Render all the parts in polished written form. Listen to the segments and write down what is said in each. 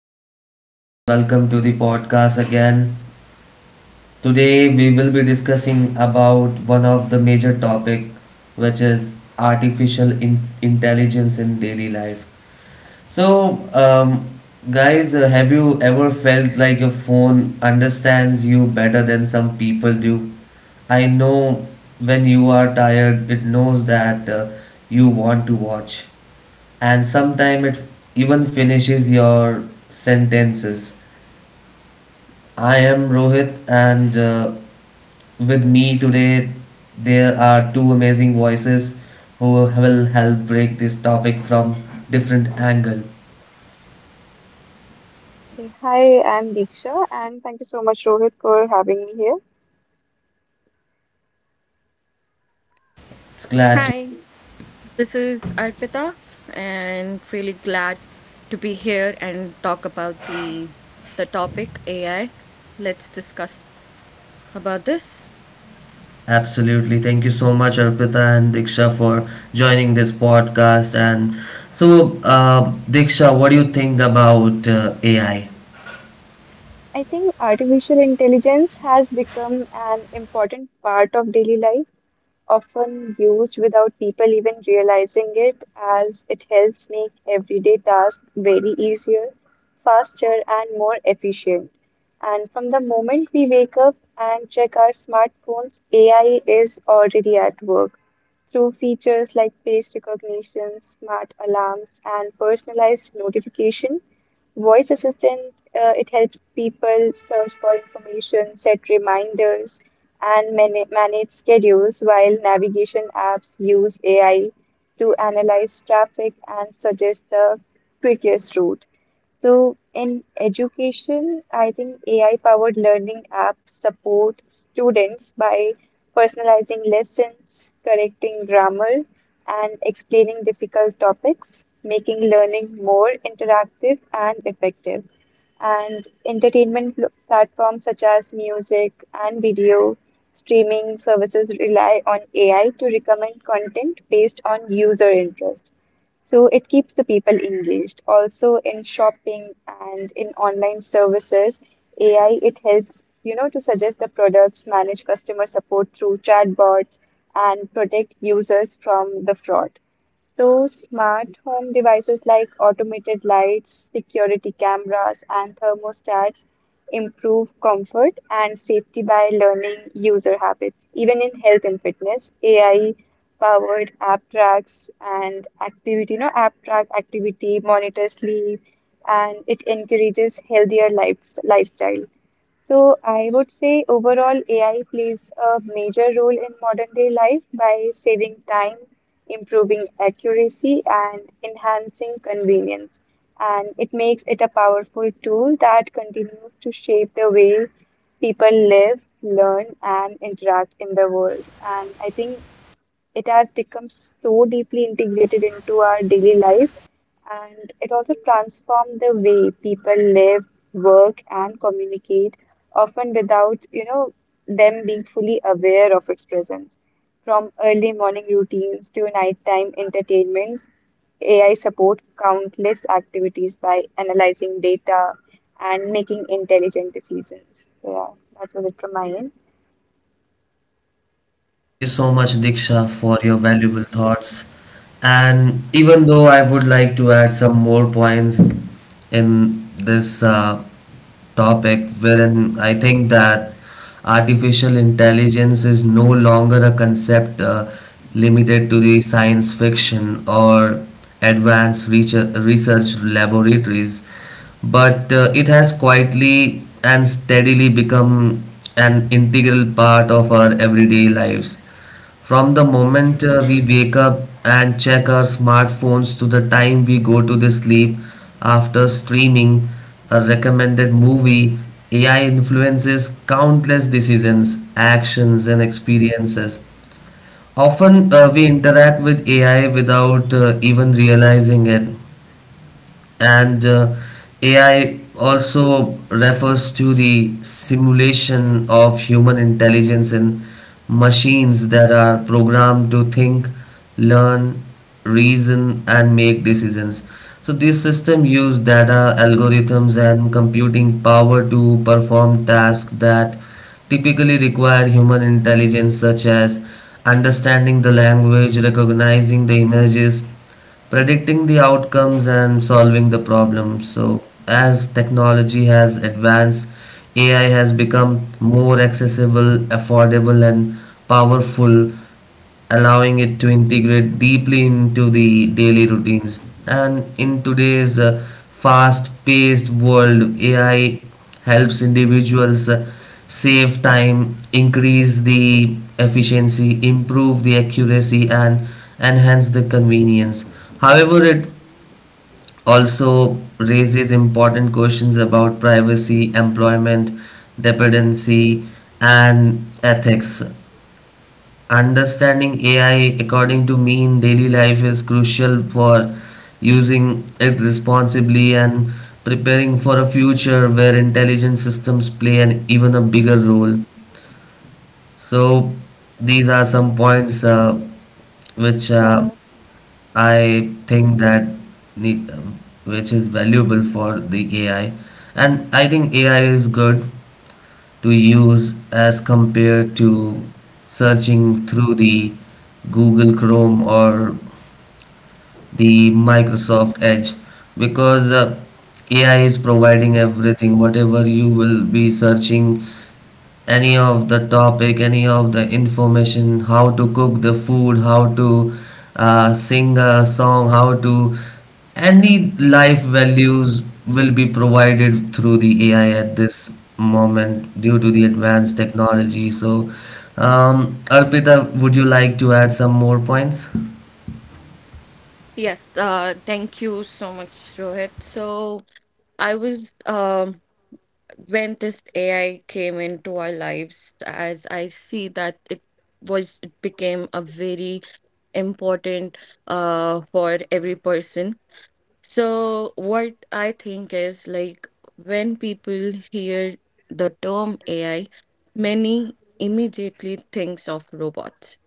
everyone, and welcome to the podcast again. Today, we will be discussing about one of the major topic, which is artificial intelligence in daily life. So, um, guys, have you ever felt like your phone understands you better than some people do? I know when you are tired, it knows that you want to watch, and sometimes it even finishes your sentences. I am Rohit, and with me today, there are two amazing voices who will help break this topic from different angle. Okay, hi, I'm Diksha, and thank you so much, Rohit, for having me here. It's glad to Hi, this is Arpita, and really glad to be here and talk about the topic AI. Let's discuss about this. absolutely. Thank you so much, Arpita and Diksha, for joining this podcast. And so, Diksha, what do you think about AI? I think artificial intelligence has become an important part of daily life, often used without people even realizing it, as it helps make everyday tasks very easier, faster, and more efficient. And from the moment we wake up and check our smartphones, AI is already at work. Through features like face recognition, smart alarms, and personalized notification, voice assistant, it helps people search for information, set reminders, and manage schedules, while navigation apps use AI to analyze traffic and suggest the quickest route. So in education, I think AI-powered learning apps support students by personalizing lessons, correcting grammar, and explaining difficult topics, making learning more interactive and effective. And entertainment platforms such as music and video streaming services rely on AI to recommend content based on user interest. So it keeps the people engaged. Also in shopping and in online services, AI it helps, to suggest the products, manage customer support through chatbots, and protect users from the fraud. So, smart home devices like automated lights, security cameras, and thermostats improve comfort and safety by learning user habits. Even in health and fitness, AI-powered app track activity, monitor sleep, and it encourages healthier lifestyle. So, I would say overall, AI plays a major role in modern day life by saving time, improving accuracy, and enhancing convenience. And it makes it a powerful tool that continues to shape the way people live, learn, and interact in the world. And I think it has become so deeply integrated into our daily life and it also transformed the way people live, work, and communicate, often without, them being fully aware of its presence. From early morning routines to nighttime entertainments, AI support countless activities by analyzing data and making intelligent decisions. So yeah, that was it from my end. Thank you so much, Diksha, for your valuable thoughts. And even though I would like to add some more points in this topic, wherein I think that artificial intelligence is no longer a concept limited to the science fiction or advanced research laboratories, but it has quietly and steadily become an integral part of our everyday lives. From the moment we wake up and check our smartphones to the time we go to the sleep after streaming a recommended movie, AI influences countless decisions, actions, and experiences. Often we interact with AI without even realizing it, and AI also refers to the simulation of human intelligence in machines that are programmed to think, learn, reason, and make decisions. So these systems use data, algorithms, and computing power to perform tasks that typically require human intelligence, such as understanding the language, recognizing the images, predicting the outcomes and solving the problems. So, as technology has advanced, AI has become more accessible, affordable, and powerful, allowing it to integrate deeply into the daily routines. And in today's fast paced world, AI helps individuals, save time, increase the efficiency, improve the accuracy, and enhance the convenience. However, it also raises important questions about privacy, employment, dependency, and ethics. Understanding AI according to me in daily life is crucial for using it responsibly and preparing for a future where intelligent systems play an even a bigger role. So these are some points which Yeah. I think that need, which is valuable for the AI, and I think AI is good to use as compared to searching through the Google Chrome or the Microsoft Edge because AI is providing everything whatever you will be searching any of the topic, any of the information, how to cook the food, how to sing a song, how to any life values will be provided through the AI at this moment due to the advanced technology. So, Arpita, would you like to add some more points? Yes, thank you so much, Rohit. So I was when this AI came into our lives, as I see that it was it became a very important for every person. So, what I think is like when people hear the term AI, many immediately thinks of robots,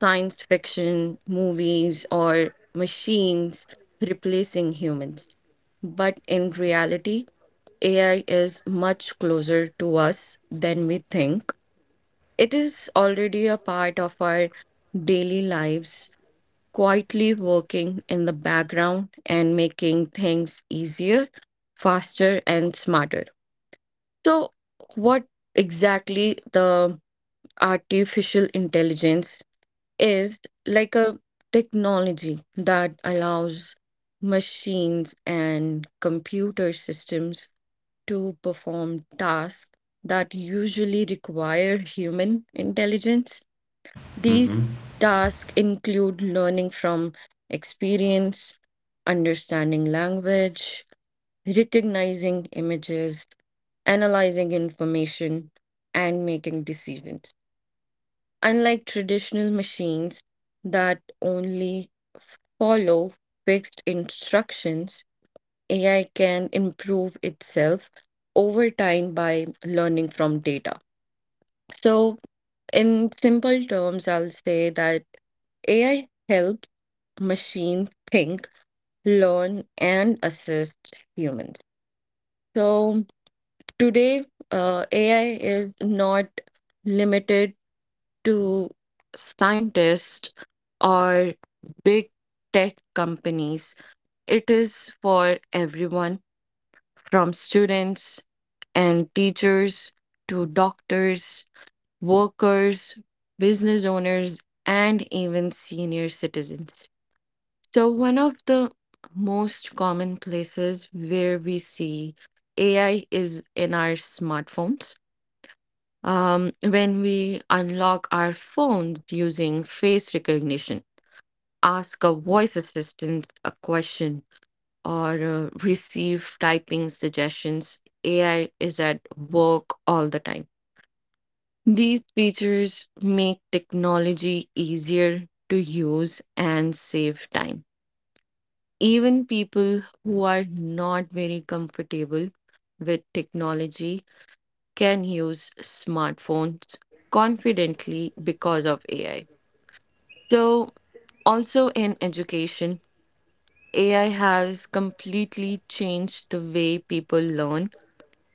science fiction, movies, or machines replacing humans. But in reality, AI is much closer to us than we think. It is already a part of our daily lives, quietly working in the background and making things easier, faster, and smarter. So, what exactly the artificial intelligence is, like a technology that allows machines and computer systems to perform tasks that usually require human intelligence. These tasks include learning from experience, understanding language, recognizing images, analyzing information, and making decisions. Unlike traditional machines that only follow fixed instructions, AI can improve itself over time by learning from data. So, in simple terms, I'll say that AI helps machines think, learn, and assist humans. So today, AI is not limited to scientists or big tech companies. It is for everyone, from students and teachers to doctors, workers, business owners, and even senior citizens. So, one of the most common places where we see AI is in our smartphones. When we unlock our phones using face recognition, ask a voice assistant a question, or receive typing suggestions, AI is at work all the time. These features make technology easier to use and save time. Even people who are not very comfortable with technology can use smartphones confidently because of AI. So, also in education, AI has completely changed the way people learn.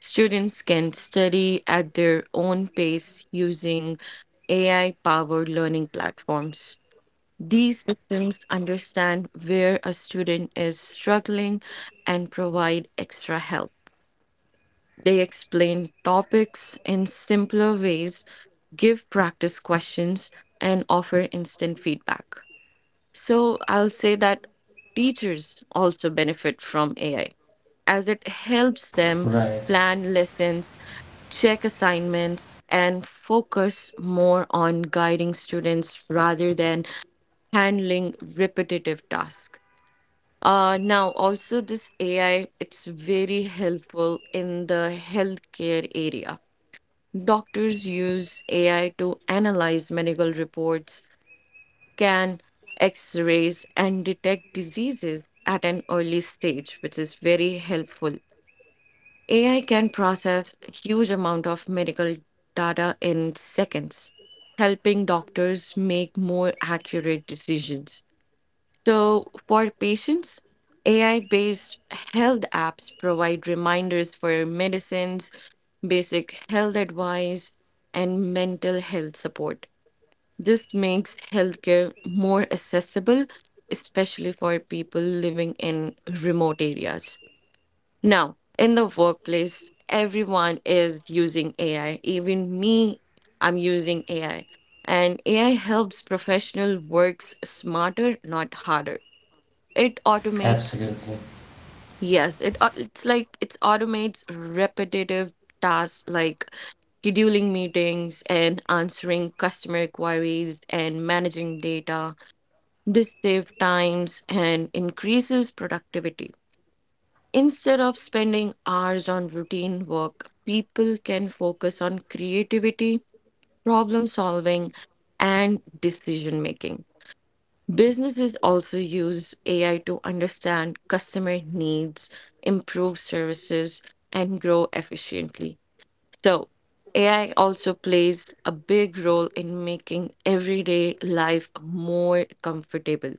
Students can study at their own pace using AI-powered learning platforms. These systems understand where a student is struggling and provide extra help. They explain topics in simpler ways, give practice questions, and offer instant feedback. So I'll say that teachers also benefit from AI, as it helps them Right, plan lessons, check assignments, and focus more on guiding students rather than handling repetitive tasks. Now, also, this AI, it's very helpful in the healthcare area. Doctors use AI to analyze medical reports, scan x-rays, and detect diseases at an early stage, which is very helpful. AI can process huge amount of medical data in seconds, helping doctors make more accurate decisions. So for patients, AI-based health apps provide reminders for medicines, basic health advice, and mental health support. This makes healthcare more accessible, especially for people living in remote areas. Now, in the workplace, everyone is using AI. Even me, I'm using AI. And AI helps professional works smarter, not harder. It automates, absolutely, yes, it's like it automates repetitive tasks like scheduling meetings and answering customer queries and managing data. This saves times and increases productivity. Instead of spending hours on routine work, people can focus on creativity, problem solving, and decision making. Businesses also use AI to understand customer needs, improve services, and grow efficiently. So, AI also plays a big role in making everyday life more comfortable.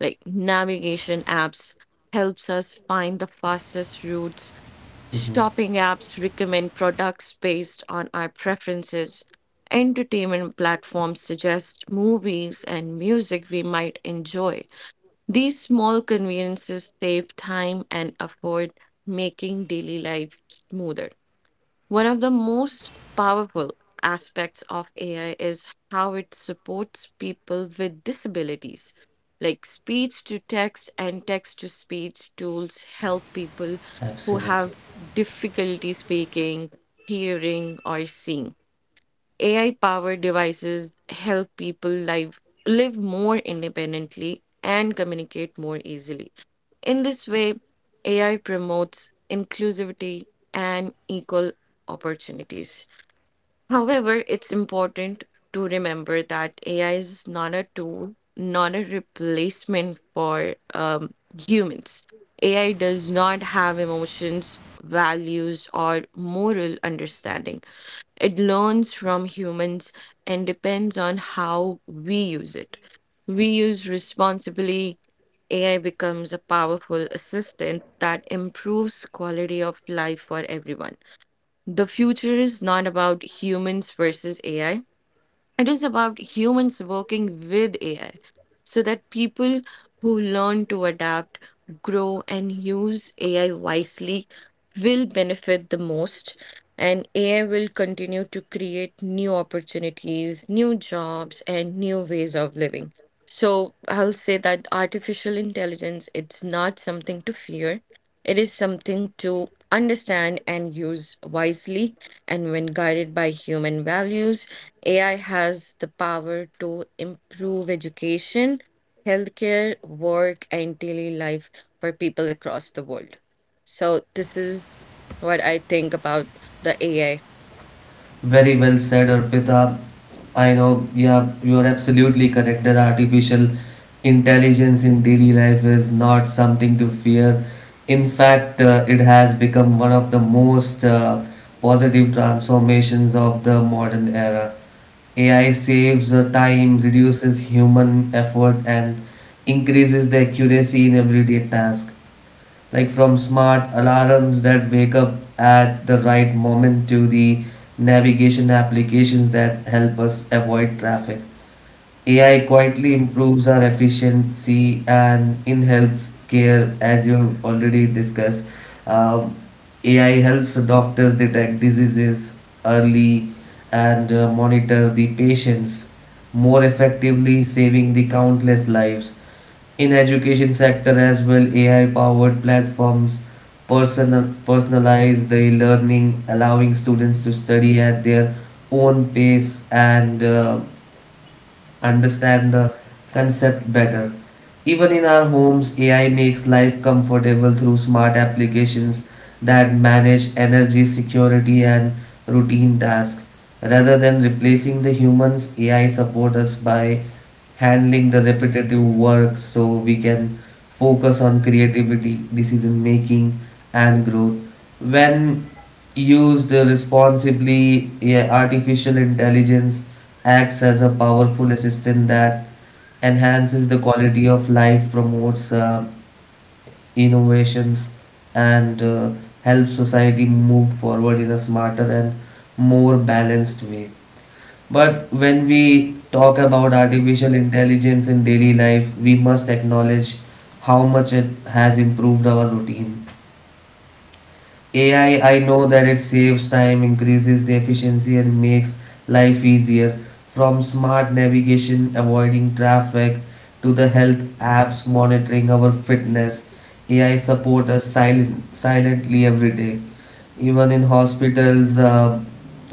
Like navigation apps helps us find the fastest routes. Shopping apps recommend products based on our preferences. Entertainment platforms suggest movies and music we might enjoy. These small conveniences save time and afford, making daily life smoother. One of the most powerful aspects of AI is how it supports people with disabilities. Like speech to text and text to speech tools help people who have absolutely. difficulty speaking, hearing, or seeing. AI-powered devices help people live more independently and communicate more easily. In this way, AI promotes inclusivity and equal opportunities. However, it's important to remember that AI is not a tool, not a replacement for humans. AI does not have emotions, values, or moral understanding. It learns from humans and depends on how we use it. We use responsibly, AI becomes a powerful assistant that improves quality of life for everyone. The future is not about humans versus AI. It is about humans working with AI, so that people who learn to adapt, grow, and use AI wisely will benefit the most. And AI will continue to create new opportunities, new jobs, and new ways of living. So I'll say that artificial intelligence, it's not something to fear. It is something to understand and use wisely, and when guided by human values, AI has the power to improve education, healthcare, work, and daily life for people across the world. So, this is what I think about the AI. Very well said, Arpita. I know, yeah, you're absolutely correct that artificial intelligence in daily life is not something to fear. In fact, it has become one of the most positive transformations of the modern era. AI saves time, reduces human effort, and increases the accuracy in everyday tasks like from smart alarms that wake up at the right moment to the navigation applications that help us avoid traffic. AI quietly improves our efficiency, and in healthcare, as you already discussed, Um, AI helps doctors detect diseases early and monitor the patients more effectively, saving the countless lives in education sector as well. AI powered platforms personalize the learning, allowing students to study at their own pace and understand the concept better. Even in our homes, AI makes life comfortable through smart applications that manage energy, security and routine tasks. Rather than replacing the humans, AI support us by handling the repetitive work so we can focus on creativity, decision making, and growth. When used responsibly, yeah, artificial intelligence acts as a powerful assistant that enhances the quality of life, promotes innovations, and helps society move forward in a smarter and more balanced way. But when we talk about artificial intelligence in daily life, we must acknowledge how much it has improved our routine. AI, I know that it saves time, increases the efficiency, and makes life easier. From smart navigation, avoiding traffic, to the health apps monitoring our fitness, AI support us silently every day, even in hospitals,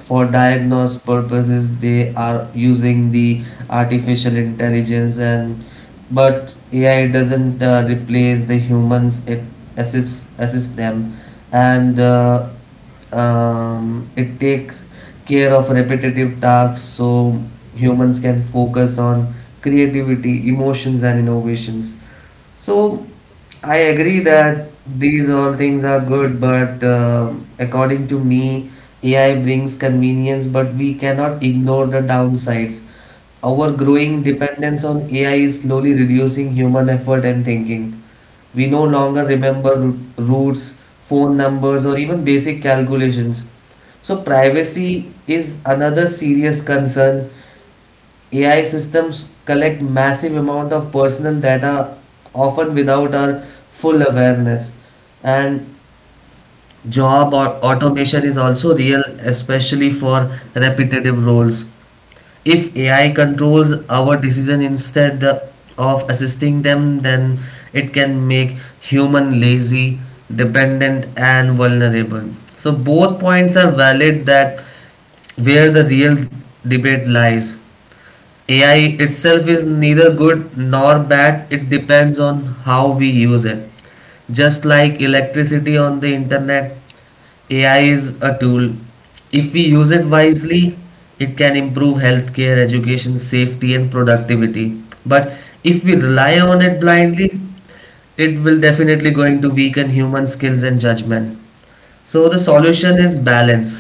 for diagnose purposes they are using the artificial intelligence. And but AI doesn't replace the humans, it assists them, and it takes care of repetitive tasks so humans can focus on creativity, emotions and innovations. So I agree that these all things are good, but according to me, AI brings convenience, but we cannot ignore the downsides. Our growing dependence on AI is slowly reducing human effort and thinking. We no longer remember routes, phone numbers, or even basic calculations. So, privacy is another serious concern. AI systems collect massive amount of personal data often without our full awareness, and job or automation is also real, especially for repetitive roles. If AI controls our decision instead of assisting them, then it can make human lazy, dependent and vulnerable. So both points are valid, that where the real debate lies. AI itself is neither good nor bad, it depends on how we use it. Just like electricity on the internet, AI is a tool. If we use it wisely, it can improve healthcare, education, safety, and productivity. But if we rely on it blindly, it will definitely going to weaken human skills and judgment. So the solution is balance.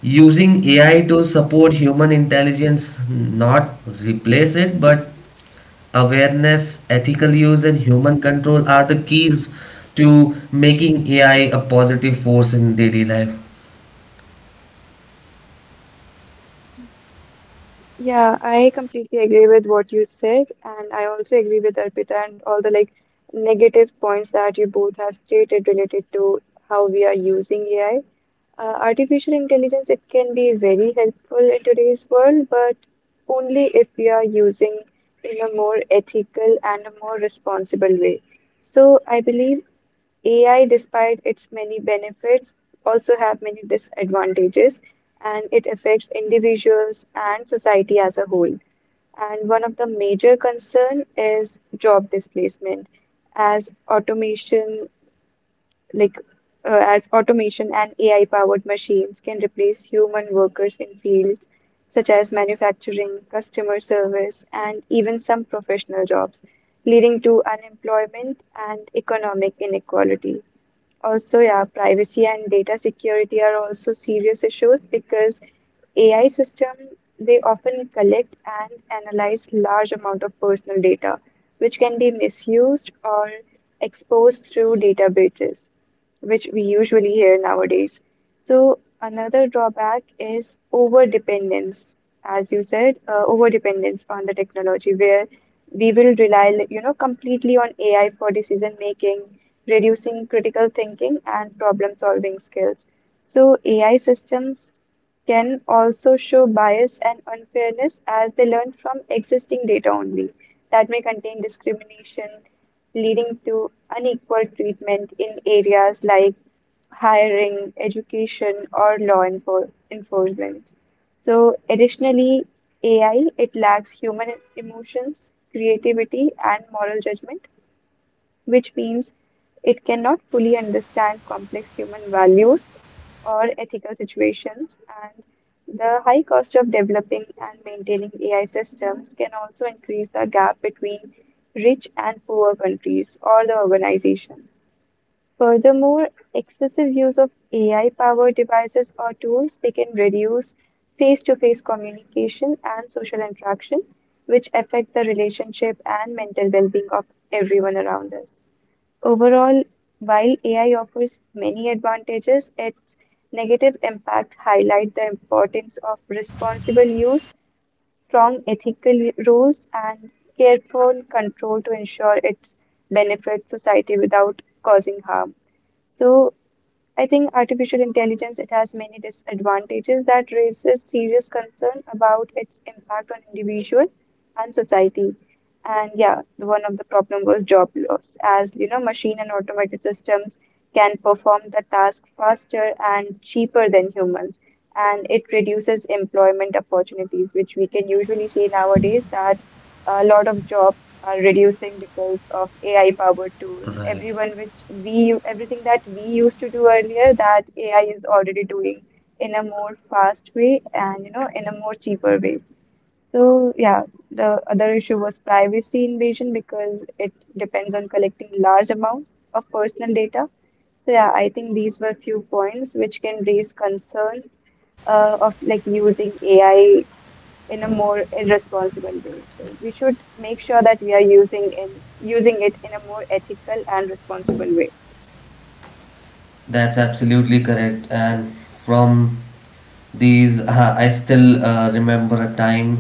Using AI to support human intelligence, not replace it, but awareness, ethical use, and human control are the keys to making AI a positive force in daily life. Yeah, I completely agree with what you said, and I also agree with Arpita and all the like negative points that you both have stated related to how we are using AI. Artificial intelligence, it can be very helpful in today's world, but only if we are using in a more ethical and a more responsible way. So I believe AI, despite its many benefits, also have many disadvantages, and it affects individuals and society as a whole. And one of the major concern is job displacement as automation like as automation and AI powered machines can replace human workers in fields such as manufacturing, customer service, and even some professional jobs, leading to unemployment and economic inequality. Also, yeah, privacy and data security are also serious issues because AI systems they often collect and analyze large amount of personal data, which can be misused or exposed through data breaches, which we usually hear nowadays. So another drawback is over dependence, as you said, over dependence on the technology, where we will rely, completely on AI for decision making, reducing critical thinking and problem solving skills. So, AI systems can also show bias and unfairness as they learn from existing data only that may contain discrimination, leading to unequal treatment in areas like hiring, education, or law enforcement. So, additionally, AI, it lacks human emotions, creativity, and moral judgment, which means it cannot fully understand complex human values or ethical situations. And the high cost of developing and maintaining AI systems can also increase the gap between rich and poor countries or the organizations. Furthermore, excessive use of AI-powered devices or tools, they can reduce face-to-face communication and social interaction, which affect the relationship and mental well-being of everyone around us. Overall, while AI offers many advantages, its negative impact highlight the importance of responsible use, strong ethical rules, and careful control to ensure it benefits society without causing harm. So, I think artificial intelligence, it has many disadvantages that raises serious concern about its impact on individual and society. And yeah, one of the problem was job loss, as you know, machine and automated systems can perform the task faster and cheaper than humans, and it reduces employment opportunities, which we can usually see nowadays that a lot of jobs are reducing because of AI powered tools. Right. Everyone which we everything that we used to do earlier that AI is already doing in a more fast way and you know in a more cheaper way. So yeah, the other issue was privacy invasion because it depends on collecting large amounts of personal data. So yeah, I think these were few points which can raise concerns of like using AI in a more irresponsible way. So we should make sure that we are using in using it in a more ethical and responsible way. That's absolutely correct. And from these, I still remember a time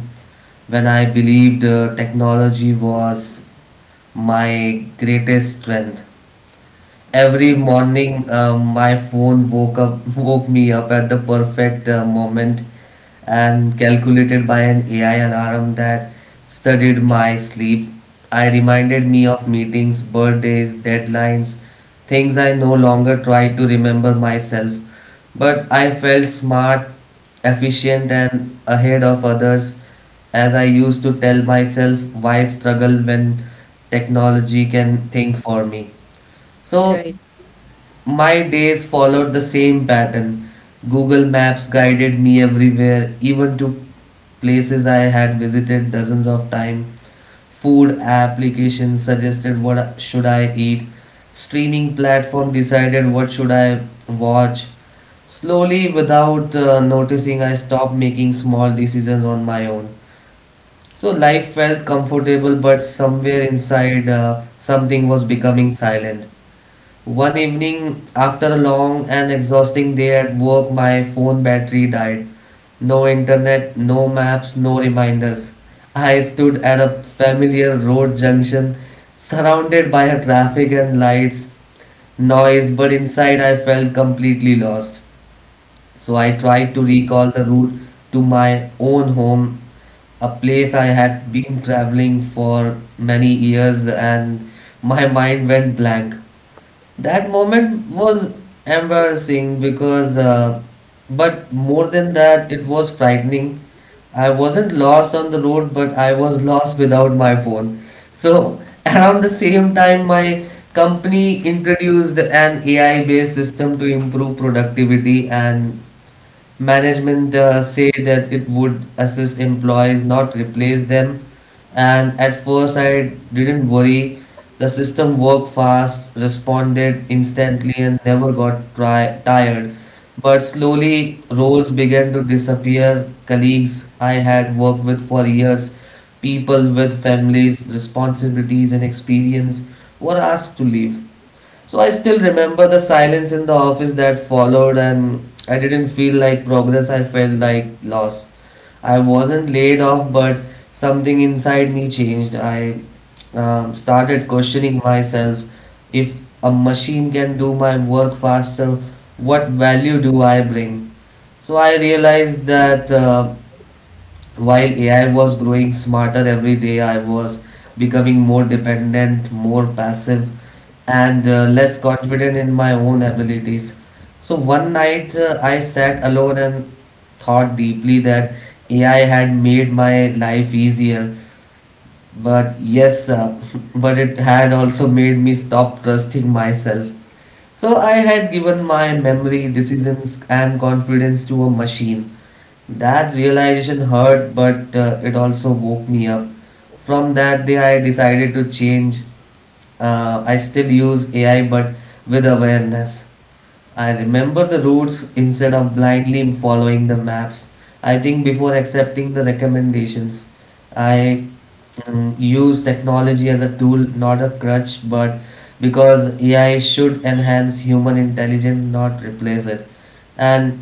when I believed technology was my greatest strength. Every Mhm. morning, my phone woke me up at the perfect moment, and calculated by an AI alarm that studied my sleep. I reminded me of meetings, birthdays, deadlines, things I no longer tried to remember myself. But I felt smart, efficient, and ahead of others, as I used to tell myself, why struggle when technology can think for me? So Right. my days followed the same pattern. Google Maps guided me everywhere, even to places I had visited dozens of times. Food applications suggested what should I eat. Streaming platform decided what should I watch. Slowly, without noticing, I stopped making small decisions on my own. So life felt comfortable, but somewhere inside, something was becoming silent. One evening, after a long and exhausting day at work, my phone battery died. No internet, no maps, no reminders. I stood at a familiar road junction, surrounded by a traffic and lights, noise, but inside I felt completely lost. So I tried to recall the route to my own home, a place I had been traveling for many years, and my mind went blank. That moment was embarrassing because, but more than that, it was frightening. I wasn't lost on the road, but I was lost without my phone. So, around the same time, my company introduced an AI based system to improve productivity. And management say that it would assist employees, not replace them. And at first, I didn't worry. The system worked fast, responded instantly, and never got tired. But slowly, roles began to disappear. Colleagues I had worked with for years, people with families, responsibilities, and experience were asked to leave. So I still remember the silence in the office that followed, and I didn't feel like progress, I felt like loss. I wasn't laid off, but something inside me changed. I started questioning myself, if a machine can do my work faster, what value do I bring? So I realized that while AI was growing smarter every day, I was becoming more dependent, more passive, and less confident in my own abilities. So one night I sat alone and thought deeply that AI had made my life easier, but yes, but it had also made me stop trusting myself. So I had given my memory, decisions, and confidence to a machine. That realization hurt, but it also woke me up. From that day, I decided to change. I still use AI, but with awareness. I remember the routes instead of blindly following the maps. I think before accepting the recommendations, I use technology as a tool, not a crutch, but because AI should enhance human intelligence, not replace it. And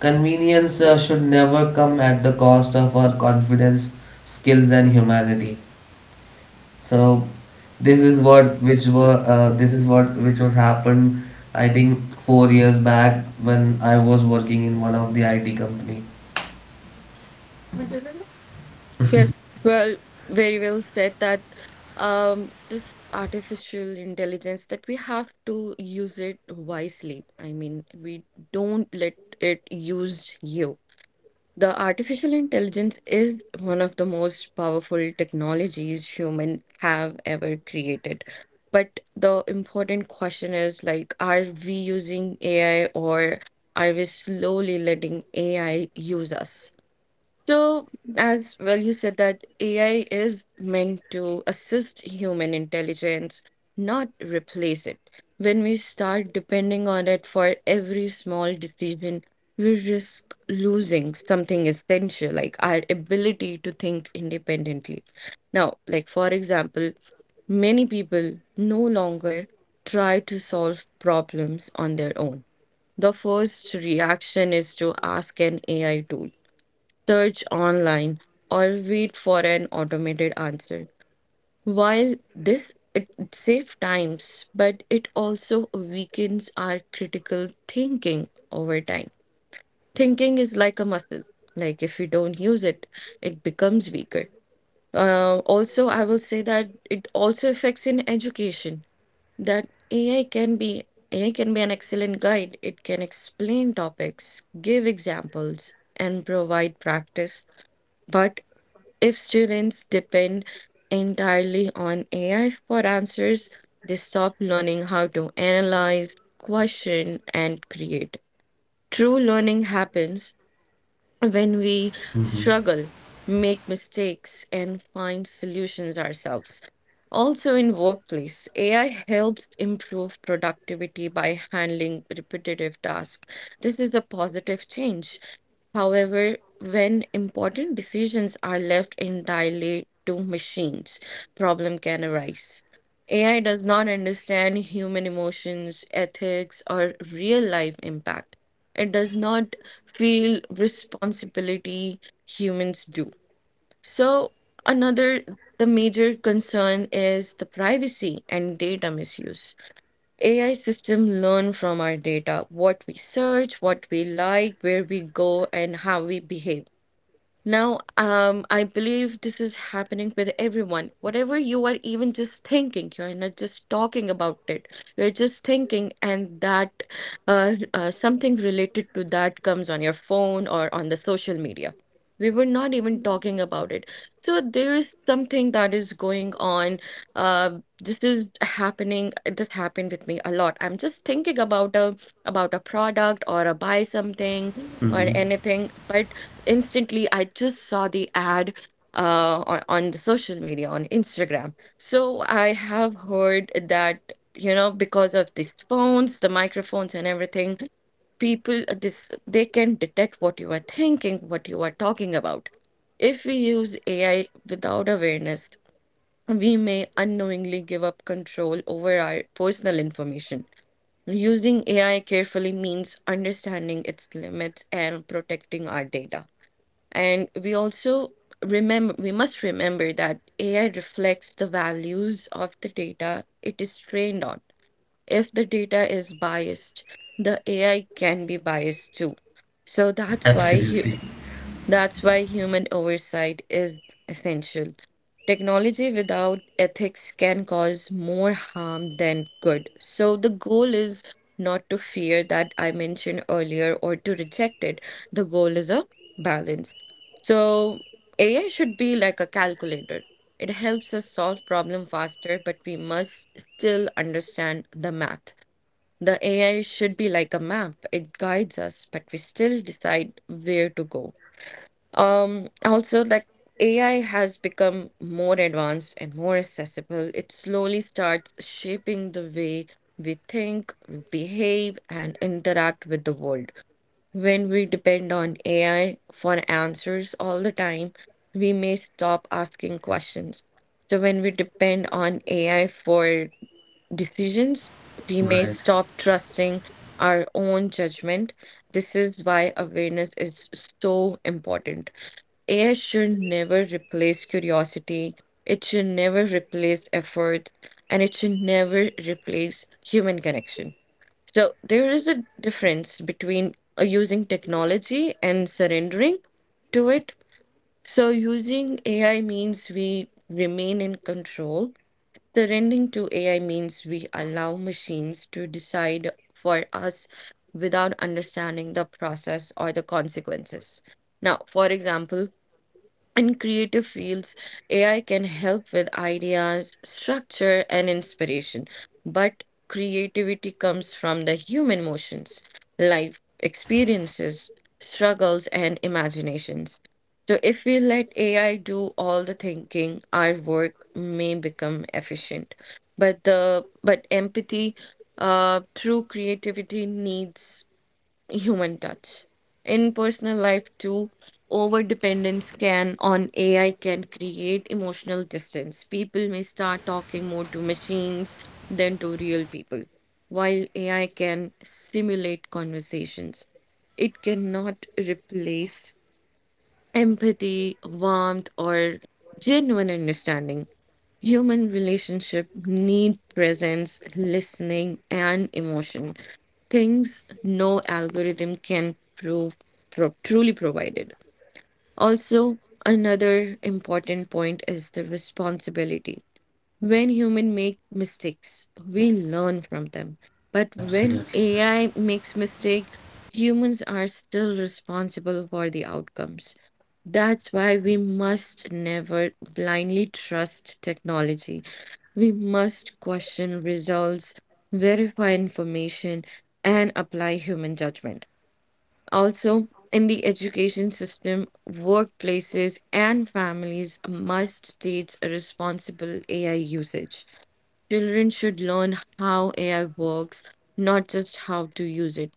convenience should never come at the cost of our confidence, skills, and humanity. So this is what which were this is what which was happened I think 4 years back when I was working in one of the IT company. Yes, well, very well said that this artificial intelligence that we have to use it wisely. I mean, we don't let it use you. The artificial intelligence is one of the most powerful technologies human have ever created. But the important question is like, are we using AI or are we slowly letting AI use us? So, as well, you said that AI is meant to assist human intelligence, not replace it. When we start depending on it for every small decision, we risk losing something essential, like our ability to think independently. Now, like for example, many people no longer try to solve problems on their own. The first reaction is to ask an AI tool, search online, or wait for an automated answer. While this, it saves times, but it also weakens our critical thinking over time. Thinking is like a muscle. Like if you don't use it, it becomes weaker. Also, I will say that it also affects in education. That AI can be an excellent guide. It can explain topics, give examples, and provide practice, but if students depend entirely on AI for answers, they stop learning how to analyze, question, and create. True learning happens when we Mm-hmm. struggle, make mistakes, and find solutions ourselves. Also, in workplace, AI helps improve productivity by handling repetitive tasks. This is a positive change. However, when important decisions are left entirely to machines, problem can arise. AI does not understand human emotions, ethics, or real-life impact. It does not feel responsibility humans do. So another the major concern is the privacy and data misuse. AI system learn from our data, what we search, what we like, where we go, and how we behave. Now, I believe this is happening with everyone. Whatever you are even just thinking, you're not just talking about it. You're just thinking, and that something related to that comes on your phone or on the social media. We were not even talking about it. So there is something that is going on. Uh, this is happening. This happened with me a lot. I'm just thinking about a product or a buy something or Mm-hmm. anything, but instantly I just saw the ad on the social media on Instagram. So I have heard that, you know, because of these phones, the microphones and everything, people, this they can detect what you are thinking, what you are talking about. If we use AI without awareness, we may unknowingly give up control over our personal information. Using AI carefully means understanding its limits and protecting our data. And we must remember that AI reflects the values of the data it is trained on. If the data is biased, the AI can be biased too. So Absolutely that's why human oversight is essential. Technology without ethics can cause more harm than good. So the goal is not to fear that I mentioned earlier or to reject it. The goal is a balance. So AI should be like a calculator. It helps us solve problem faster, but we must still understand the math. The AI should be like a map. It guides us, but we still decide where to go. Also, like AI has become more advanced and more accessible. It slowly starts shaping the way we think, we behave, and interact with the world. When we depend on AI for answers all the time, we may stop asking questions. So, when we depend on AI for decisions, we may right. stop trusting our own judgment. This is why awareness is so important. AI should never replace curiosity, it should never replace effort, and it should never replace human connection. So there is a difference between using technology and surrendering to it. So using AI means we remain in control. Surrendering to AI means we allow machines to decide for us without understanding the process or the consequences. Now, for example, in creative fields, AI can help with ideas, structure, and inspiration, but creativity comes from the human emotions, life experiences, struggles, and imaginations. So, if we let AI do all the thinking, our work may become efficient. But the but empathy through creativity needs human touch. In personal life too, over dependence can on AI can create emotional distance. People may start talking more to machines than to real people. While AI can simulate conversations, it cannot replace empathy, warmth, or genuine understanding. Human relationship need presence, listening, and emotion things no algorithm can truly provided. Also, another important point is the responsibility. When humans make mistakes, we learn from them. But when Absolutely right. AI makes mistake, humans are still responsible for the outcomes. That's why we must never blindly trust technology. We must question results, verify information, and apply human judgment. Also, in the education system, workplaces, and families must teach responsible AI usage. Children should learn how AI works, not just how to use it.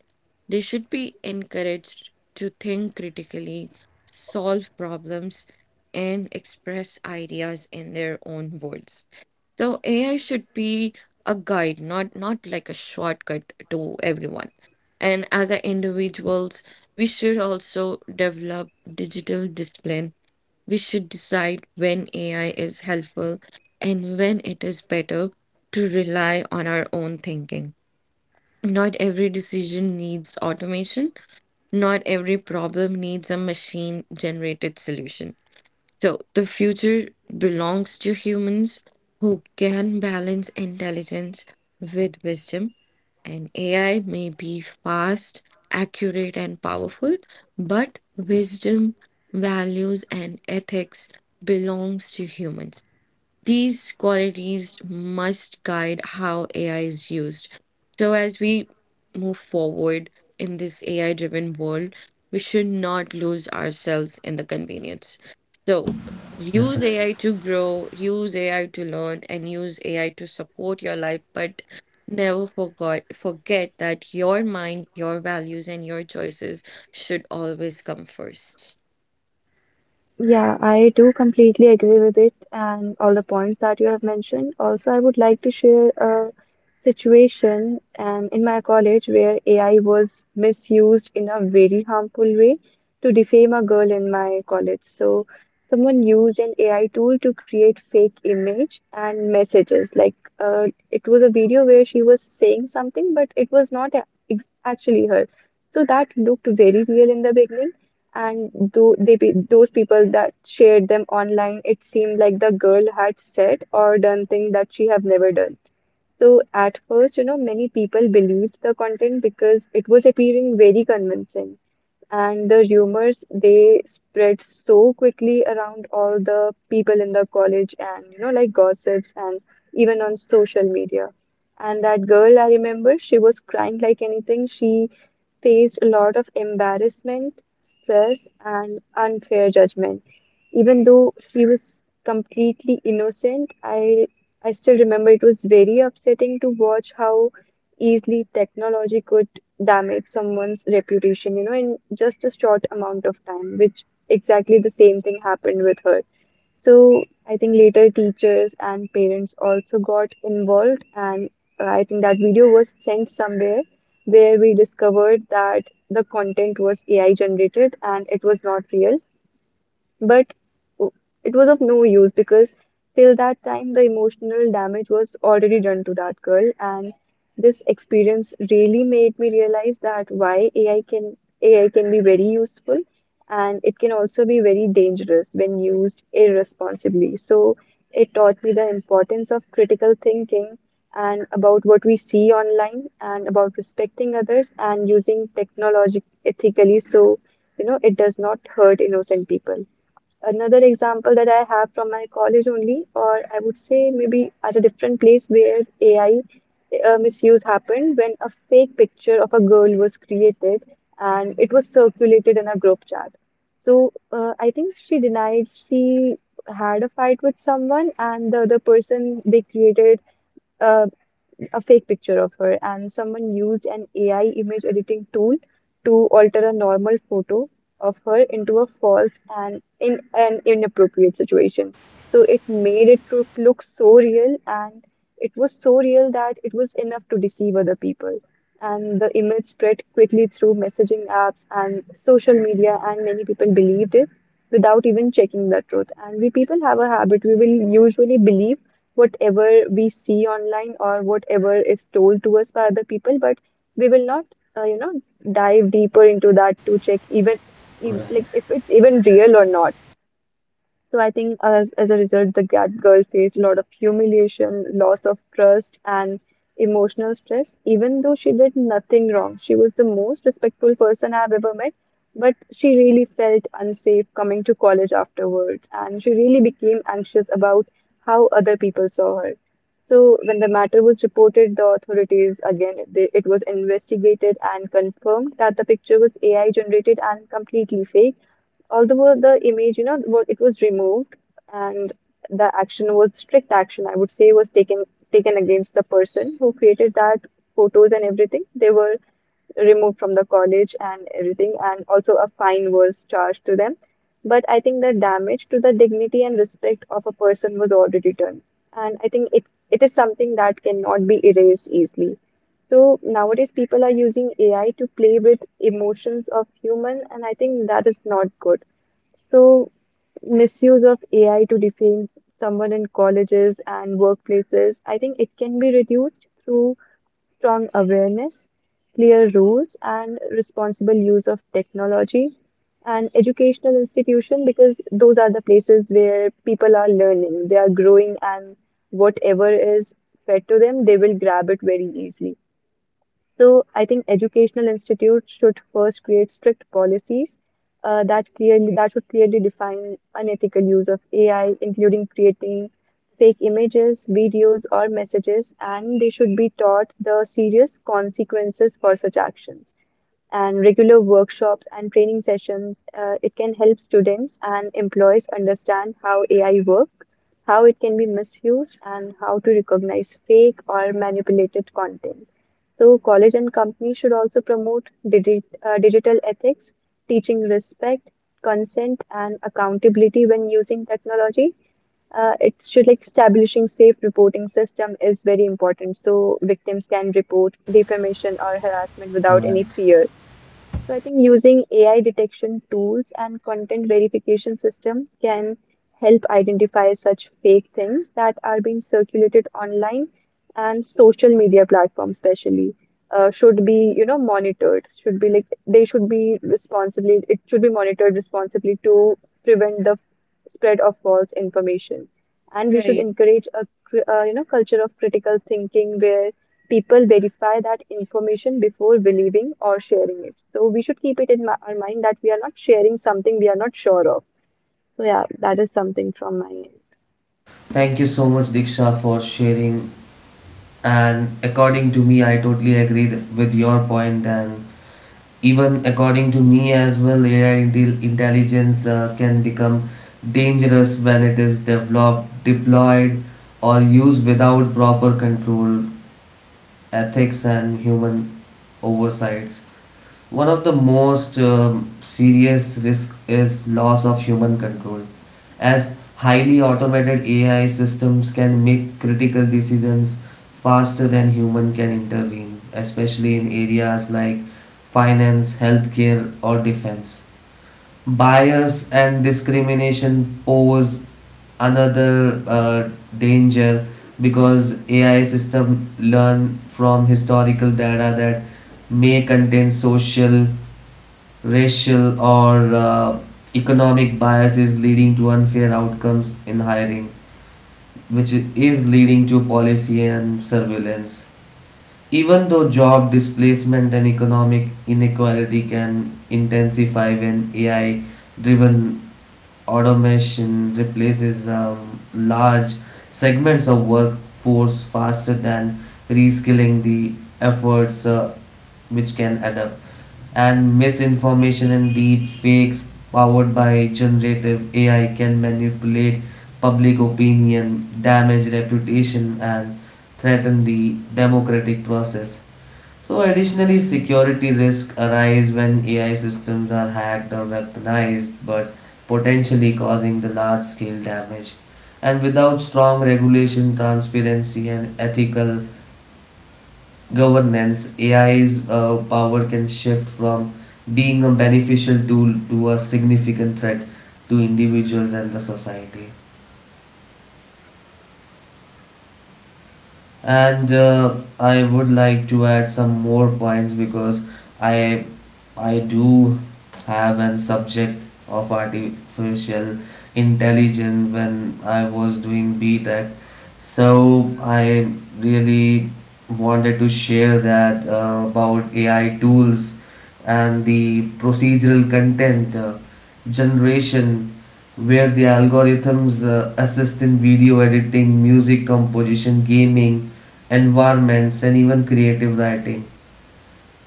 They should be encouraged to think critically, solve problems, and express ideas in their own words. So AI should be a guide, not like a shortcut to everyone. And as a individuals, we should also develop digital discipline, we should decide when AI is helpful and when it is better to rely on our own thinking. Not every decision needs automation, not every problem needs a machine generated solution. So the future belongs to humans who can balance intelligence with wisdom. And AI may be fast, accurate, and powerful, but wisdom, values, and ethics belongs to humans. These qualities must guide how AI is used. So, as we move forward in this AI driven world, we should not lose ourselves in the convenience. So, use Definitely AI to grow, use AI to learn, and use AI to support your life, but never forget that your mind, your values, and your choices should always come first. Yeah, I do completely agree with it and all the points that you have mentioned. Also, I would like to share a situation in my college where AI was misused in a very harmful way to defame a girl in my college. So, someone used an AI tool to create fake image and messages. Like, it was a video where she was saying something, but it was not actually her. So that looked very real in the beginning, and do they be those people that shared them online, it seemed like the girl had said or done things that she have never done. So at first, you know, many people believed the content because it was appearing very convincing. And the rumors, they spread so quickly around all the people in the college and, you know, like gossips and even on social media. And that girl, I remember, she was crying like anything. She faced a lot of embarrassment, stress, and unfair judgment even though she was completely innocent. I still remember it was very upsetting to watch how easily technology could damage someone's reputation, you know, in just a short amount of time, which exactly the same thing happened with her. So I think later teachers and parents also got involved, and I think that video was sent somewhere where we discovered that the content was AI generated and it was not real. But o- it was of no use because till that time the emotional damage was already done to that girl, and this experience really made me realize that why AI can be very useful and it can also be very dangerous when used irresponsibly. So it taught me the importance of critical thinking and about what we see online and about respecting others and using technology ethically so you know it does not hurt innocent people. Another example that I have from my college only, or I would say maybe at a different place where AI misuse happened when a fake picture of a girl was created and it was circulated in a group chat. So I think she denied she had a fight with someone, and the other person they created. Uh, a fake picture of her, and someone used an AI image editing tool to alter a normal photo of her into a false and in an inappropriate situation. So it made it look so real, and it was so real that it was enough to deceive other people. And the image spread quickly through messaging apps and social media, and many people believed it without even checking the truth. And we people have a habit, we will usually believe whatever we see online or whatever is told to us by other people, but we will not, you know, dive deeper into that to check even if, like right. if it's even real or not. So I think as a result, the Gat girl faced a lot of humiliation, loss of trust, and emotional stress. Even though she did nothing wrong, she was the most respectful person I've ever met. But she really felt unsafe coming to college afterwards, and she really became anxious about how other people saw her. So when the matter was reported, the authorities again they, it was investigated and confirmed that the picture was AI generated and completely fake, although the image, you know, it was removed and the action was strict action, I would say, was taken against the person who created that photos and everything. They were removed from the college and everything, and also a fine was charged to them. But I think the damage to the dignity and respect of a person was already done. And I think it is something that cannot be erased easily. So nowadays, people are using AI to play with emotions of human, and I think that is not good. So misuse of AI to defame someone in colleges and workplaces, I think it can be reduced through strong awareness, clear rules, and responsible use of technology, and educational institution because those are the places where people are learning, they are growing, and whatever is fed to them, they will grab it very easily. So I think educational institutes should first create strict policies that should clearly define unethical use of AI, including creating fake images, videos, or messages, and they should be taught the serious consequences for such actions and regular workshops and training sessions, it can help students and employees understand how AI work, how it can be misused, and how to recognize fake or manipulated content. So, college and companies should also promote digital ethics, teaching respect, consent, and accountability when using technology. It should, like, establishing safe reporting system is very important so victims can report defamation or harassment without any Right. fear. So I think using AI detection tools and content verification system can help identify such fake things that are being circulated online, and social media platforms especially should be, you know, monitored, should be like, they should be responsibly, it should be monitored responsibly to prevent the spread of false information. And we should Right. encourage a culture of critical thinking where people verify that information before believing or sharing it. So we should keep it in our mind that we are not sharing something we are not sure of. So yeah, that is something from my end. Thank you so much, Diksha, for sharing. And according to me, I totally agree with your point. And even according to me as well, intelligence can become dangerous when it is developed, deployed, or used without proper control, ethics, and human oversights. One of the most serious risk is loss of human control, as highly automated AI systems can make critical decisions faster than human can intervene, especially in areas like finance, healthcare, or defense. Bias and discrimination pose another danger because AI system learn from historical data that may contain social, racial, or economic biases, leading to unfair outcomes in hiring, which is leading to policy and surveillance. Even though job displacement and economic inequality can intensify when AI driven automation replaces large segments of workforce faster than reskilling the efforts, which can adapt. And misinformation and deep fakes powered by generative ai can manipulate public opinion, damage reputation, and threaten the democratic process. So additionally, security risks arise when AI systems are hacked or weaponized, but potentially causing the large-scale damage. And without strong regulation, transparency, and ethical governance, AI's power can shift from being a beneficial tool to a significant threat to individuals and the society. And I would like to add some more points because I I do have an subject of artificial intelligence when I was doing B Tech, so I really wanted to share that about AI tools and the procedural content generation, where the algorithms assist in video editing, music composition, gaming environments, and even creative writing,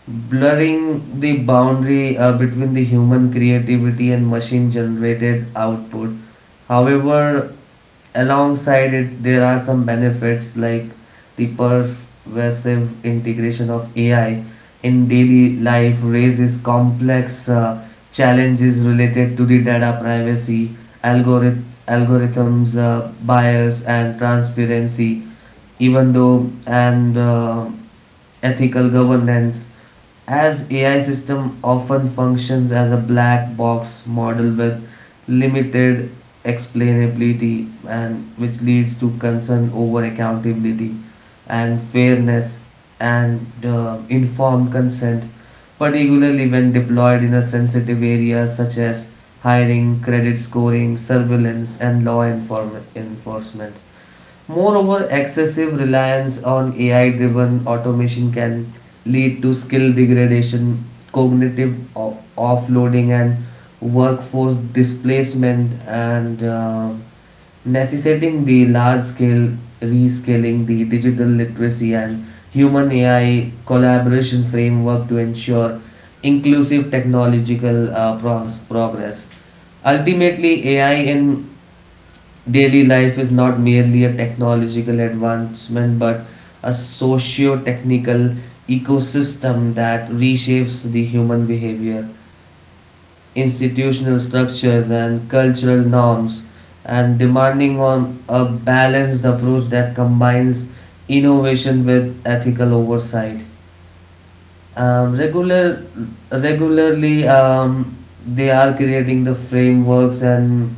blurring the boundary between the human creativity and machine generated output. However, alongside it, there are some benefits like the pervasive integration of AI in daily life raises complex challenges related to the data privacy, algorithms bias, and transparency, even though and ethical governance, as AI system often functions as a black box model with limited explainability, and which leads to concern over accountability and fairness and informed consent, particularly when deployed in a sensitive areas such as hiring, credit scoring, surveillance, and enforcement. Moreover, excessive reliance on AI driven automation can lead to skill degradation, offloading, and workforce displacement, and necessitating the large scale rescaling, the digital literacy, and human AI collaboration framework to ensure inclusive technological progress. Ultimately, AI in daily life is not merely a technological advancement but a socio technical ecosystem that reshapes the human behavior, institutional structures, and cultural norms, and demanding on a balanced approach that combines innovation with ethical oversight. Um, regular, regularly, they are creating the frameworks, and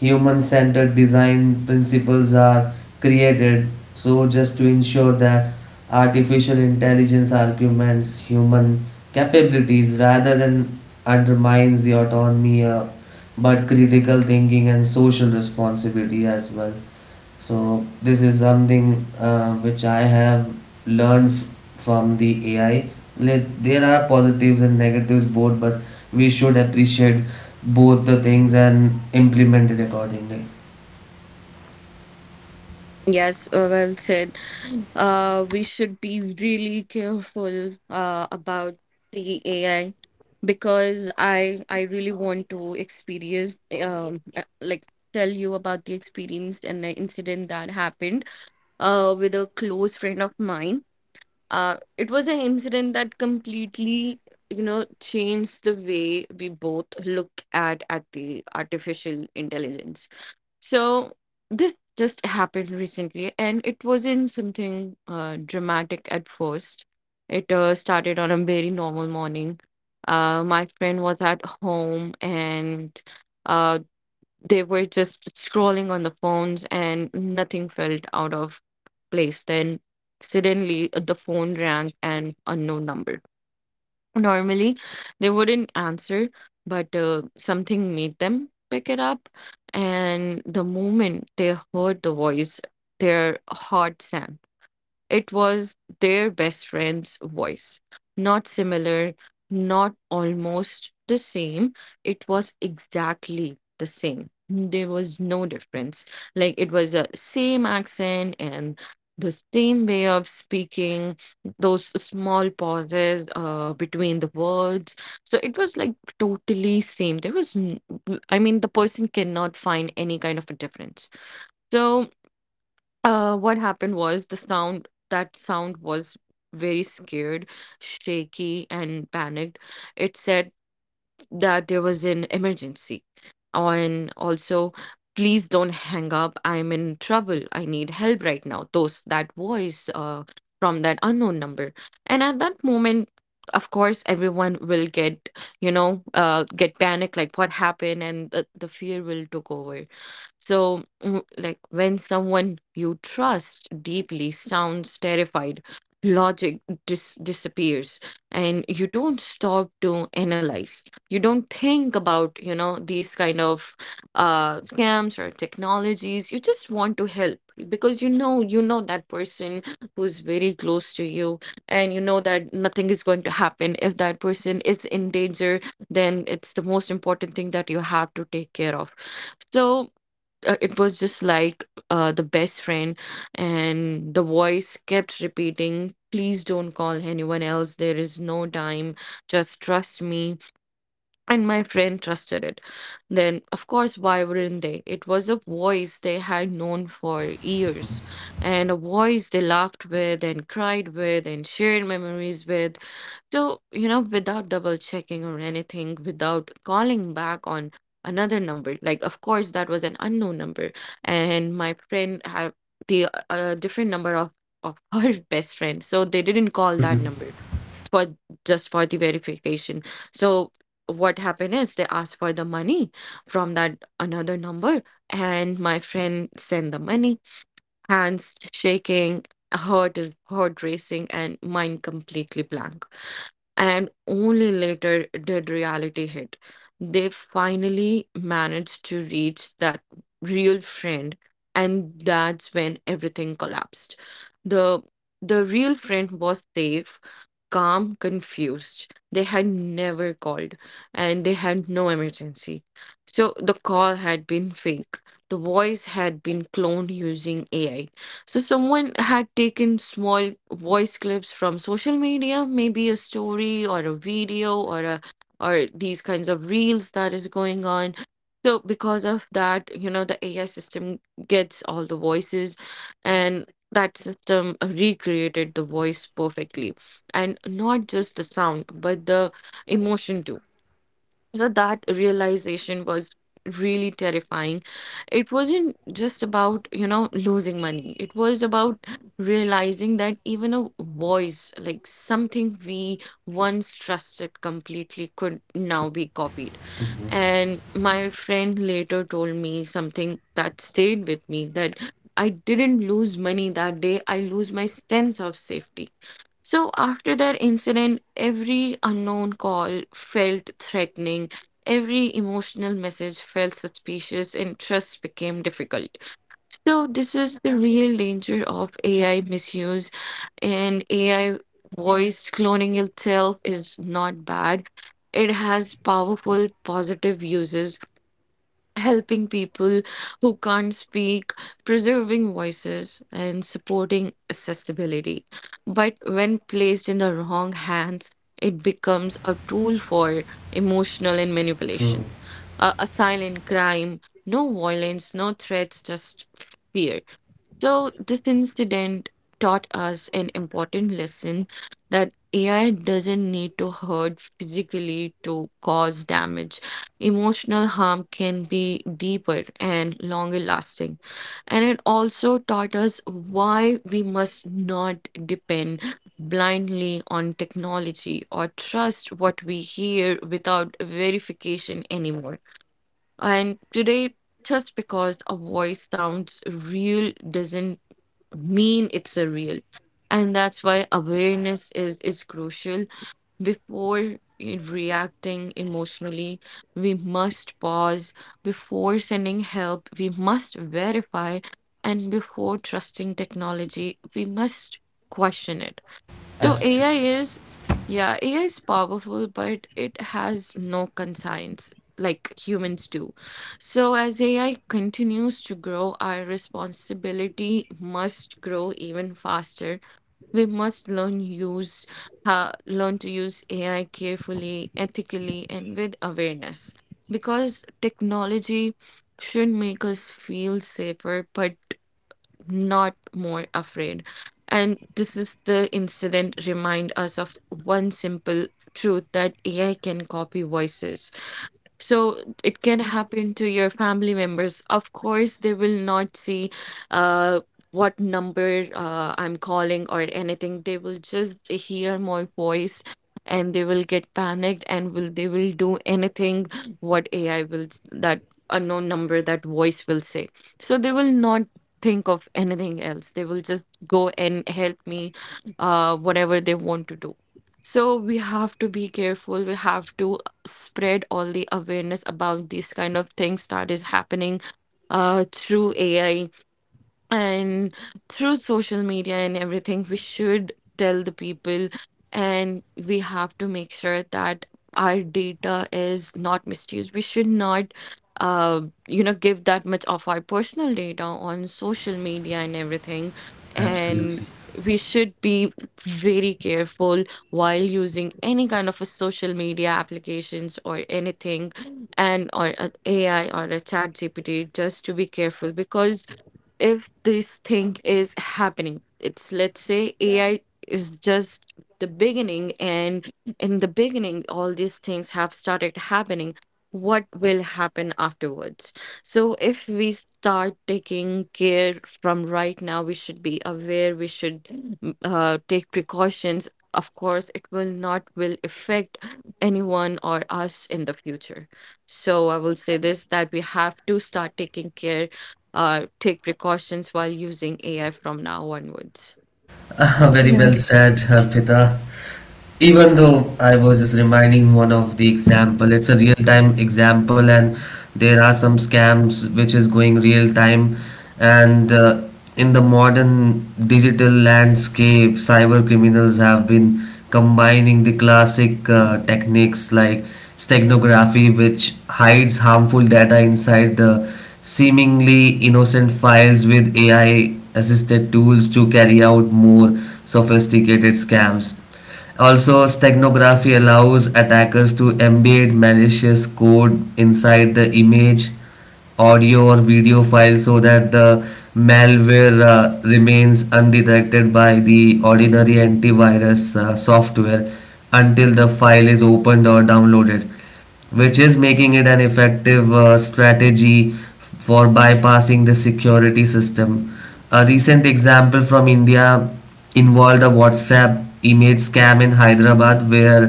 human centered design principles are created, so just to ensure that artificial intelligence arguments human capabilities rather than undermines the autonomy, but critical thinking and social responsibility as well. So this is something which I have learned f- from the AI. Like, there are positives and negatives both, but we should appreciate both the things and implement it accordingly. Yes, well said. We should be really careful about the AI because I really want to experience like tell you about the experience and the incident that happened with a close friend of mine. It was an incident that completely, you know, changed the way we both look at the artificial intelligence. So this just happened recently, and it wasn't something dramatic at first. It started on a very normal morning. My friend was at home, and uh, they were just scrolling on the phones, and nothing felt out of place. Then suddenly, the phone rang, an unknown number. Normally, they wouldn't answer, but something made them pick it up. And the moment they heard the voice, their heart sank. It was their best friend's voice. Not similar, not almost the same. It was exactly the same. There was no difference. Like it was a same accent and the same way of speaking, those small pauses between the words. So it was like totally same. I mean, the person cannot find any kind of a difference. So what happened was that sound was very scared, shaky, and panicked. It said that there was an emergency. Oh, and also, please don't hang up. I'm in trouble. I need help right now. Those, that voice, from that unknown number. And at that moment, of course, everyone will get panicked, like what happened, and the fear will took over. So, like when someone you trust deeply sounds terrified, logic disappears, and you don't stop to analyze. You don't think about, you know, these kind of scams or technologies. You just want to help because you know that person who's very close to you, and you know that nothing is going to happen. If that person is in danger, then it's the most important thing that you have to take care of. So it was just like, the best friend, and the voice kept repeating, "Please don't call anyone else. There is no time. Just trust me." And my friend trusted it. Then, of course, why wouldn't they? It was a voice they had known for years, and a voice they laughed with and cried with and shared memories with. So, you know, without double checking or anything, without calling back on another number, like, of course, that was an unknown number. And my friend had the different number of her best friend. So they didn't call that number for just for the verification. So what happened is they asked for the money from that another number, and my friend sent the money, hands shaking, heart racing, and mind completely blank, and only later did reality hit. They finally managed to reach that real friend, and that's when everything collapsed. The the real friend was safe, calm, confused. They had never called and they had no emergency. So the call had been fake. The voice had been cloned using AI. So someone had taken small voice clips from social media, maybe a story or a video or these kinds of reels that is going on. So because of that, you know, the AI system gets all the voices, and that system recreated the voice perfectly, and not just the sound but the emotion too. You That realization was really terrifying. It wasn't just about, you know, losing money, it was about realizing that even a voice, like something we once trusted completely, could now be copied. And my friend later told me something that stayed with me, that I didn't lose money that day, I lose my sense of safety. So after that incident, every unknown call felt threatening, every emotional message felt suspicious, and trust became difficult. So this is the real danger of AI misuse, and AI voice cloning itself is not bad. It has powerful positive uses, helping people who can't speak, preserving voices, and supporting accessibility. But when placed in the wrong hands, it becomes a tool for emotional and True. manipulation. A silent crime, no violence, no threats, just fear. So this incident taught us an important lesson that AI doesn't need to hurt physically to cause damage. Emotional harm can be deeper and longer lasting. And it also taught us why we must not depend blindly on technology or trust what we hear without verification anymore. And today, just because a voice sounds real doesn't mean it's a real, and that's why awareness is crucial. Before reacting emotionally, we must pause. Before sending help, we must verify. And before trusting technology, we must question it. So Absolutely. AI is, yeah, AI is powerful, but it has no conscience like humans do. So as AI continues to grow, our responsibility must grow even faster. We must learn to use AI carefully, ethically, and with awareness. Because technology should make us feel safer, but not more afraid. And this is the incident remind us of one simple truth, that AI can copy voices, so it can happen to your family members. Of course, they will not see uh, what number I'm calling or anything. They will just hear my voice and they will get panicked, and will they will do anything what AI will that unknown number that voice will say. So they will not think of anything else. They will just go and help me whatever they want to do. So we have to be careful. We have to spread all the awareness about these kind of things that is happening through AI, and through social media and everything, we should tell the people, and we have to make sure that our data is not misused. We should not, uh, you know, give that much of our personal data on social media and everything. And Absolutely. we should be very careful while using any kind of a social media applications or anything, and or a AI or a chat GPT, just to be careful, because if this thing is happening, it's, let's say, AI is just the beginning, and in the beginning all these things have started happening, what will happen afterwards? So if we start taking care from right now, we should be aware, we should take precautions, of course it will not will affect anyone or us in the future. So I will say this, that we have to start taking care, take precautions while using AI from now onwards. Ah, very Yeah, well said, Harpita. Even though I was just reminding one of the example, it's a real time example, and there are some scams which is going real time, and in the modern digital landscape, cyber criminals have been combining the classic techniques like steganography, which hides harmful data inside the seemingly innocent files with AI assisted tools to carry out more sophisticated scams. Also, steganography allows attackers to embed malicious code inside the image, audio, or video file so that the malware remains undetected by the ordinary antivirus software until the file is opened or downloaded, which is making it an effective strategy for bypassing the security system. A recent example from India involved a WhatsApp image scam in Hyderabad, where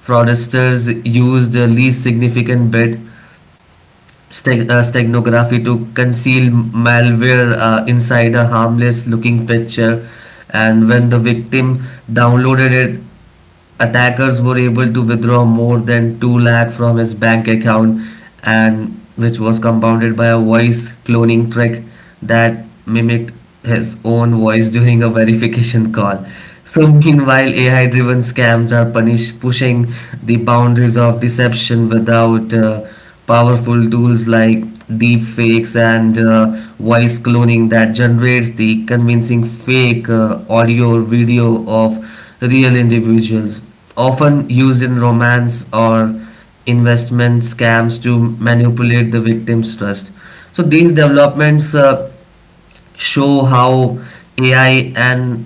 fraudsters used the least significant bit steganography to conceal malware inside a harmless looking picture, and when the victim downloaded it, attackers were able to withdraw more than 2 lakh from his bank account, and which was compounded by a voice cloning trick that mimicked his own voice during a verification call. So meanwhile, AI driven scams are punish pushing the boundaries of deception without powerful tools like deep fakes and voice cloning that generates the convincing fake audio or video of real individuals, often used in romance or investment scams to manipulate the victim's trust. So these developments show how AI and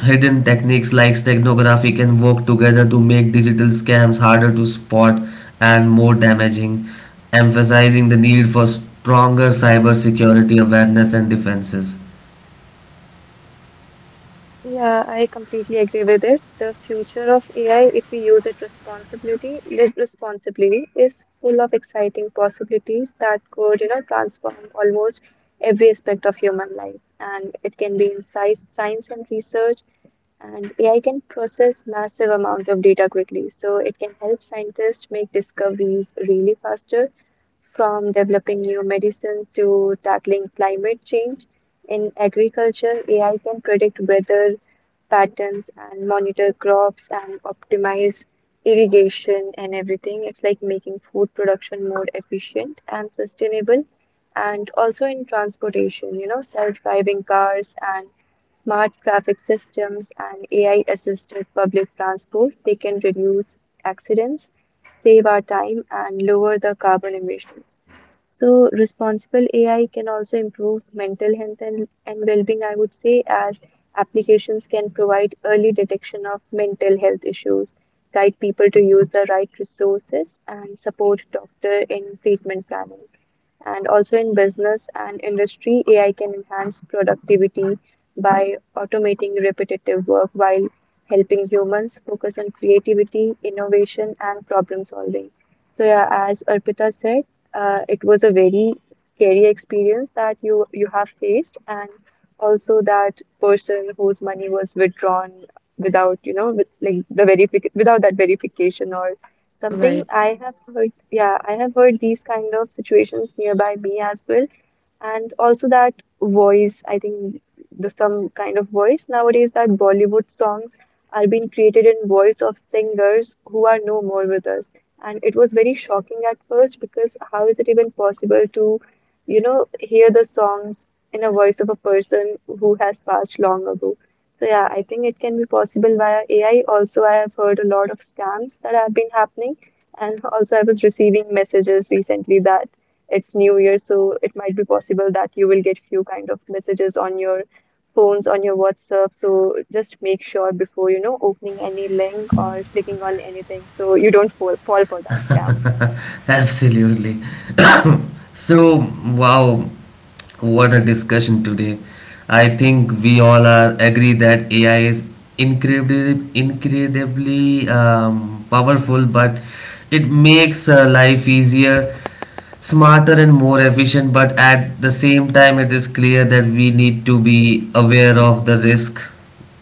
hidden techniques like steganography can work together to make digital scams harder to spot and more damaging, emphasizing the need for stronger cybersecurity awareness and defenses. yeah, I completely agree with it. The future of AI, if we use it responsibly, is full of exciting possibilities that could, you know, transform almost every aspect of human life. And it can be in science and research, and AI can process massive amount of data quickly. So it can help scientists make discoveries really faster, from developing new medicines to tackling climate change. In agriculture, AI can predict weather patterns and monitor crops and optimize irrigation and everything. It's like making food production more efficient and sustainable. And also in transportation, you know, self-driving cars and smart traffic systems, and AI assisted public transport, they can reduce accidents, save our time, and lower the carbon emissions. So, responsible AI can also improve mental health and well being, I would say, as applications can provide early detection of mental health issues, guide people to use the right resources, and support doctor in treatment planning. And also in business and industry, AI can enhance productivity by automating repetitive work while helping humans focus on creativity, innovation, and problem solving. So yeah, as Arpita said, it was a very scary experience that you have faced, and also that person whose money was withdrawn without, you know, with like the verific without that verification or something Right. I have heard, yeah, I have heard these kind of situations nearby me as well. And also that voice, I think the some kind of voice nowadays, that Bollywood songs are being created in voice of singers who are no more with us. And it was very shocking at first because how is it even possible to, you know, hear the songs in a voice of a person who has passed long ago? So yeah, I think it can be possible via AI. Also, I have heard a lot of scams that have been happening, and also I was receiving messages recently that it's new year, so it might be possible that you will get few kind of messages on your phones, on your WhatsApp, so just make sure before, you know, opening any link or clicking on anything so you don't fall for that scam. Absolutely. So, wow, what a discussion today. I think we all are agree that AI is incredibly powerful, but it makes life easier, smarter, and more efficient. But at the same time, it is clear that we need to be aware of the risk,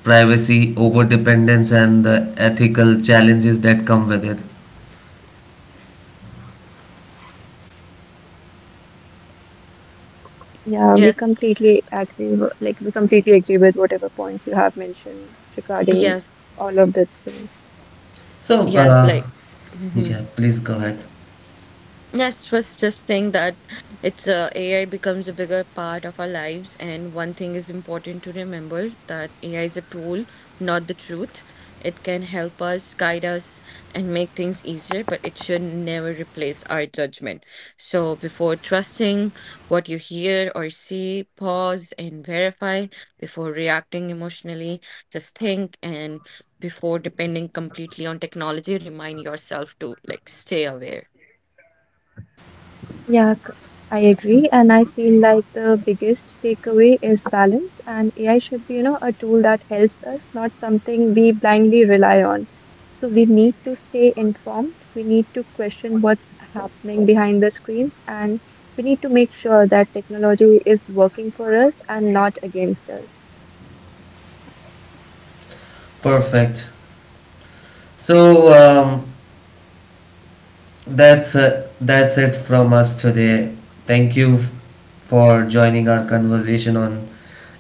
privacy, over dependence, and the ethical challenges that come with it. Yeah, we Yes. completely agree we completely agree with whatever points you have mentioned regarding Yes. all of the things. So, Yes. uh, Like. Mhm. Yeah, please go ahead. Yes, was just saying that it's, AI becomes a bigger part of our lives, and one thing is important to remember, that AI is a tool, not the truth. It can help us, guide us, and make things easier, but it should never replace our judgment. So before trusting what you hear or see, pause and verify. Before reacting emotionally, just think, and before depending completely on technology, remind yourself to like stay aware. Yeah, I agree. And I feel like the biggest takeaway is balance. And AI should be, you know, a tool that helps us, not something we blindly rely on. So we need to stay informed. We need to question what's happening behind the screens. And we need to make sure that technology is working for us and not against us. Perfect. So that's it from us today. Thank you for joining our conversation on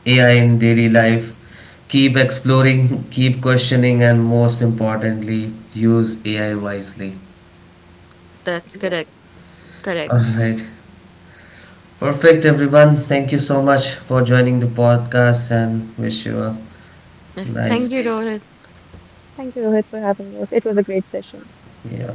AI in daily life. Keep exploring, keep questioning, and most importantly, use AI wisely. That's Yep. correct. Correct. All right. Perfect, everyone. Thank you so much for joining the podcast and wish you a Yes. nice Thank you, day. Rohit. Thank you, Rohit, for having us. It was a great session. Yeah.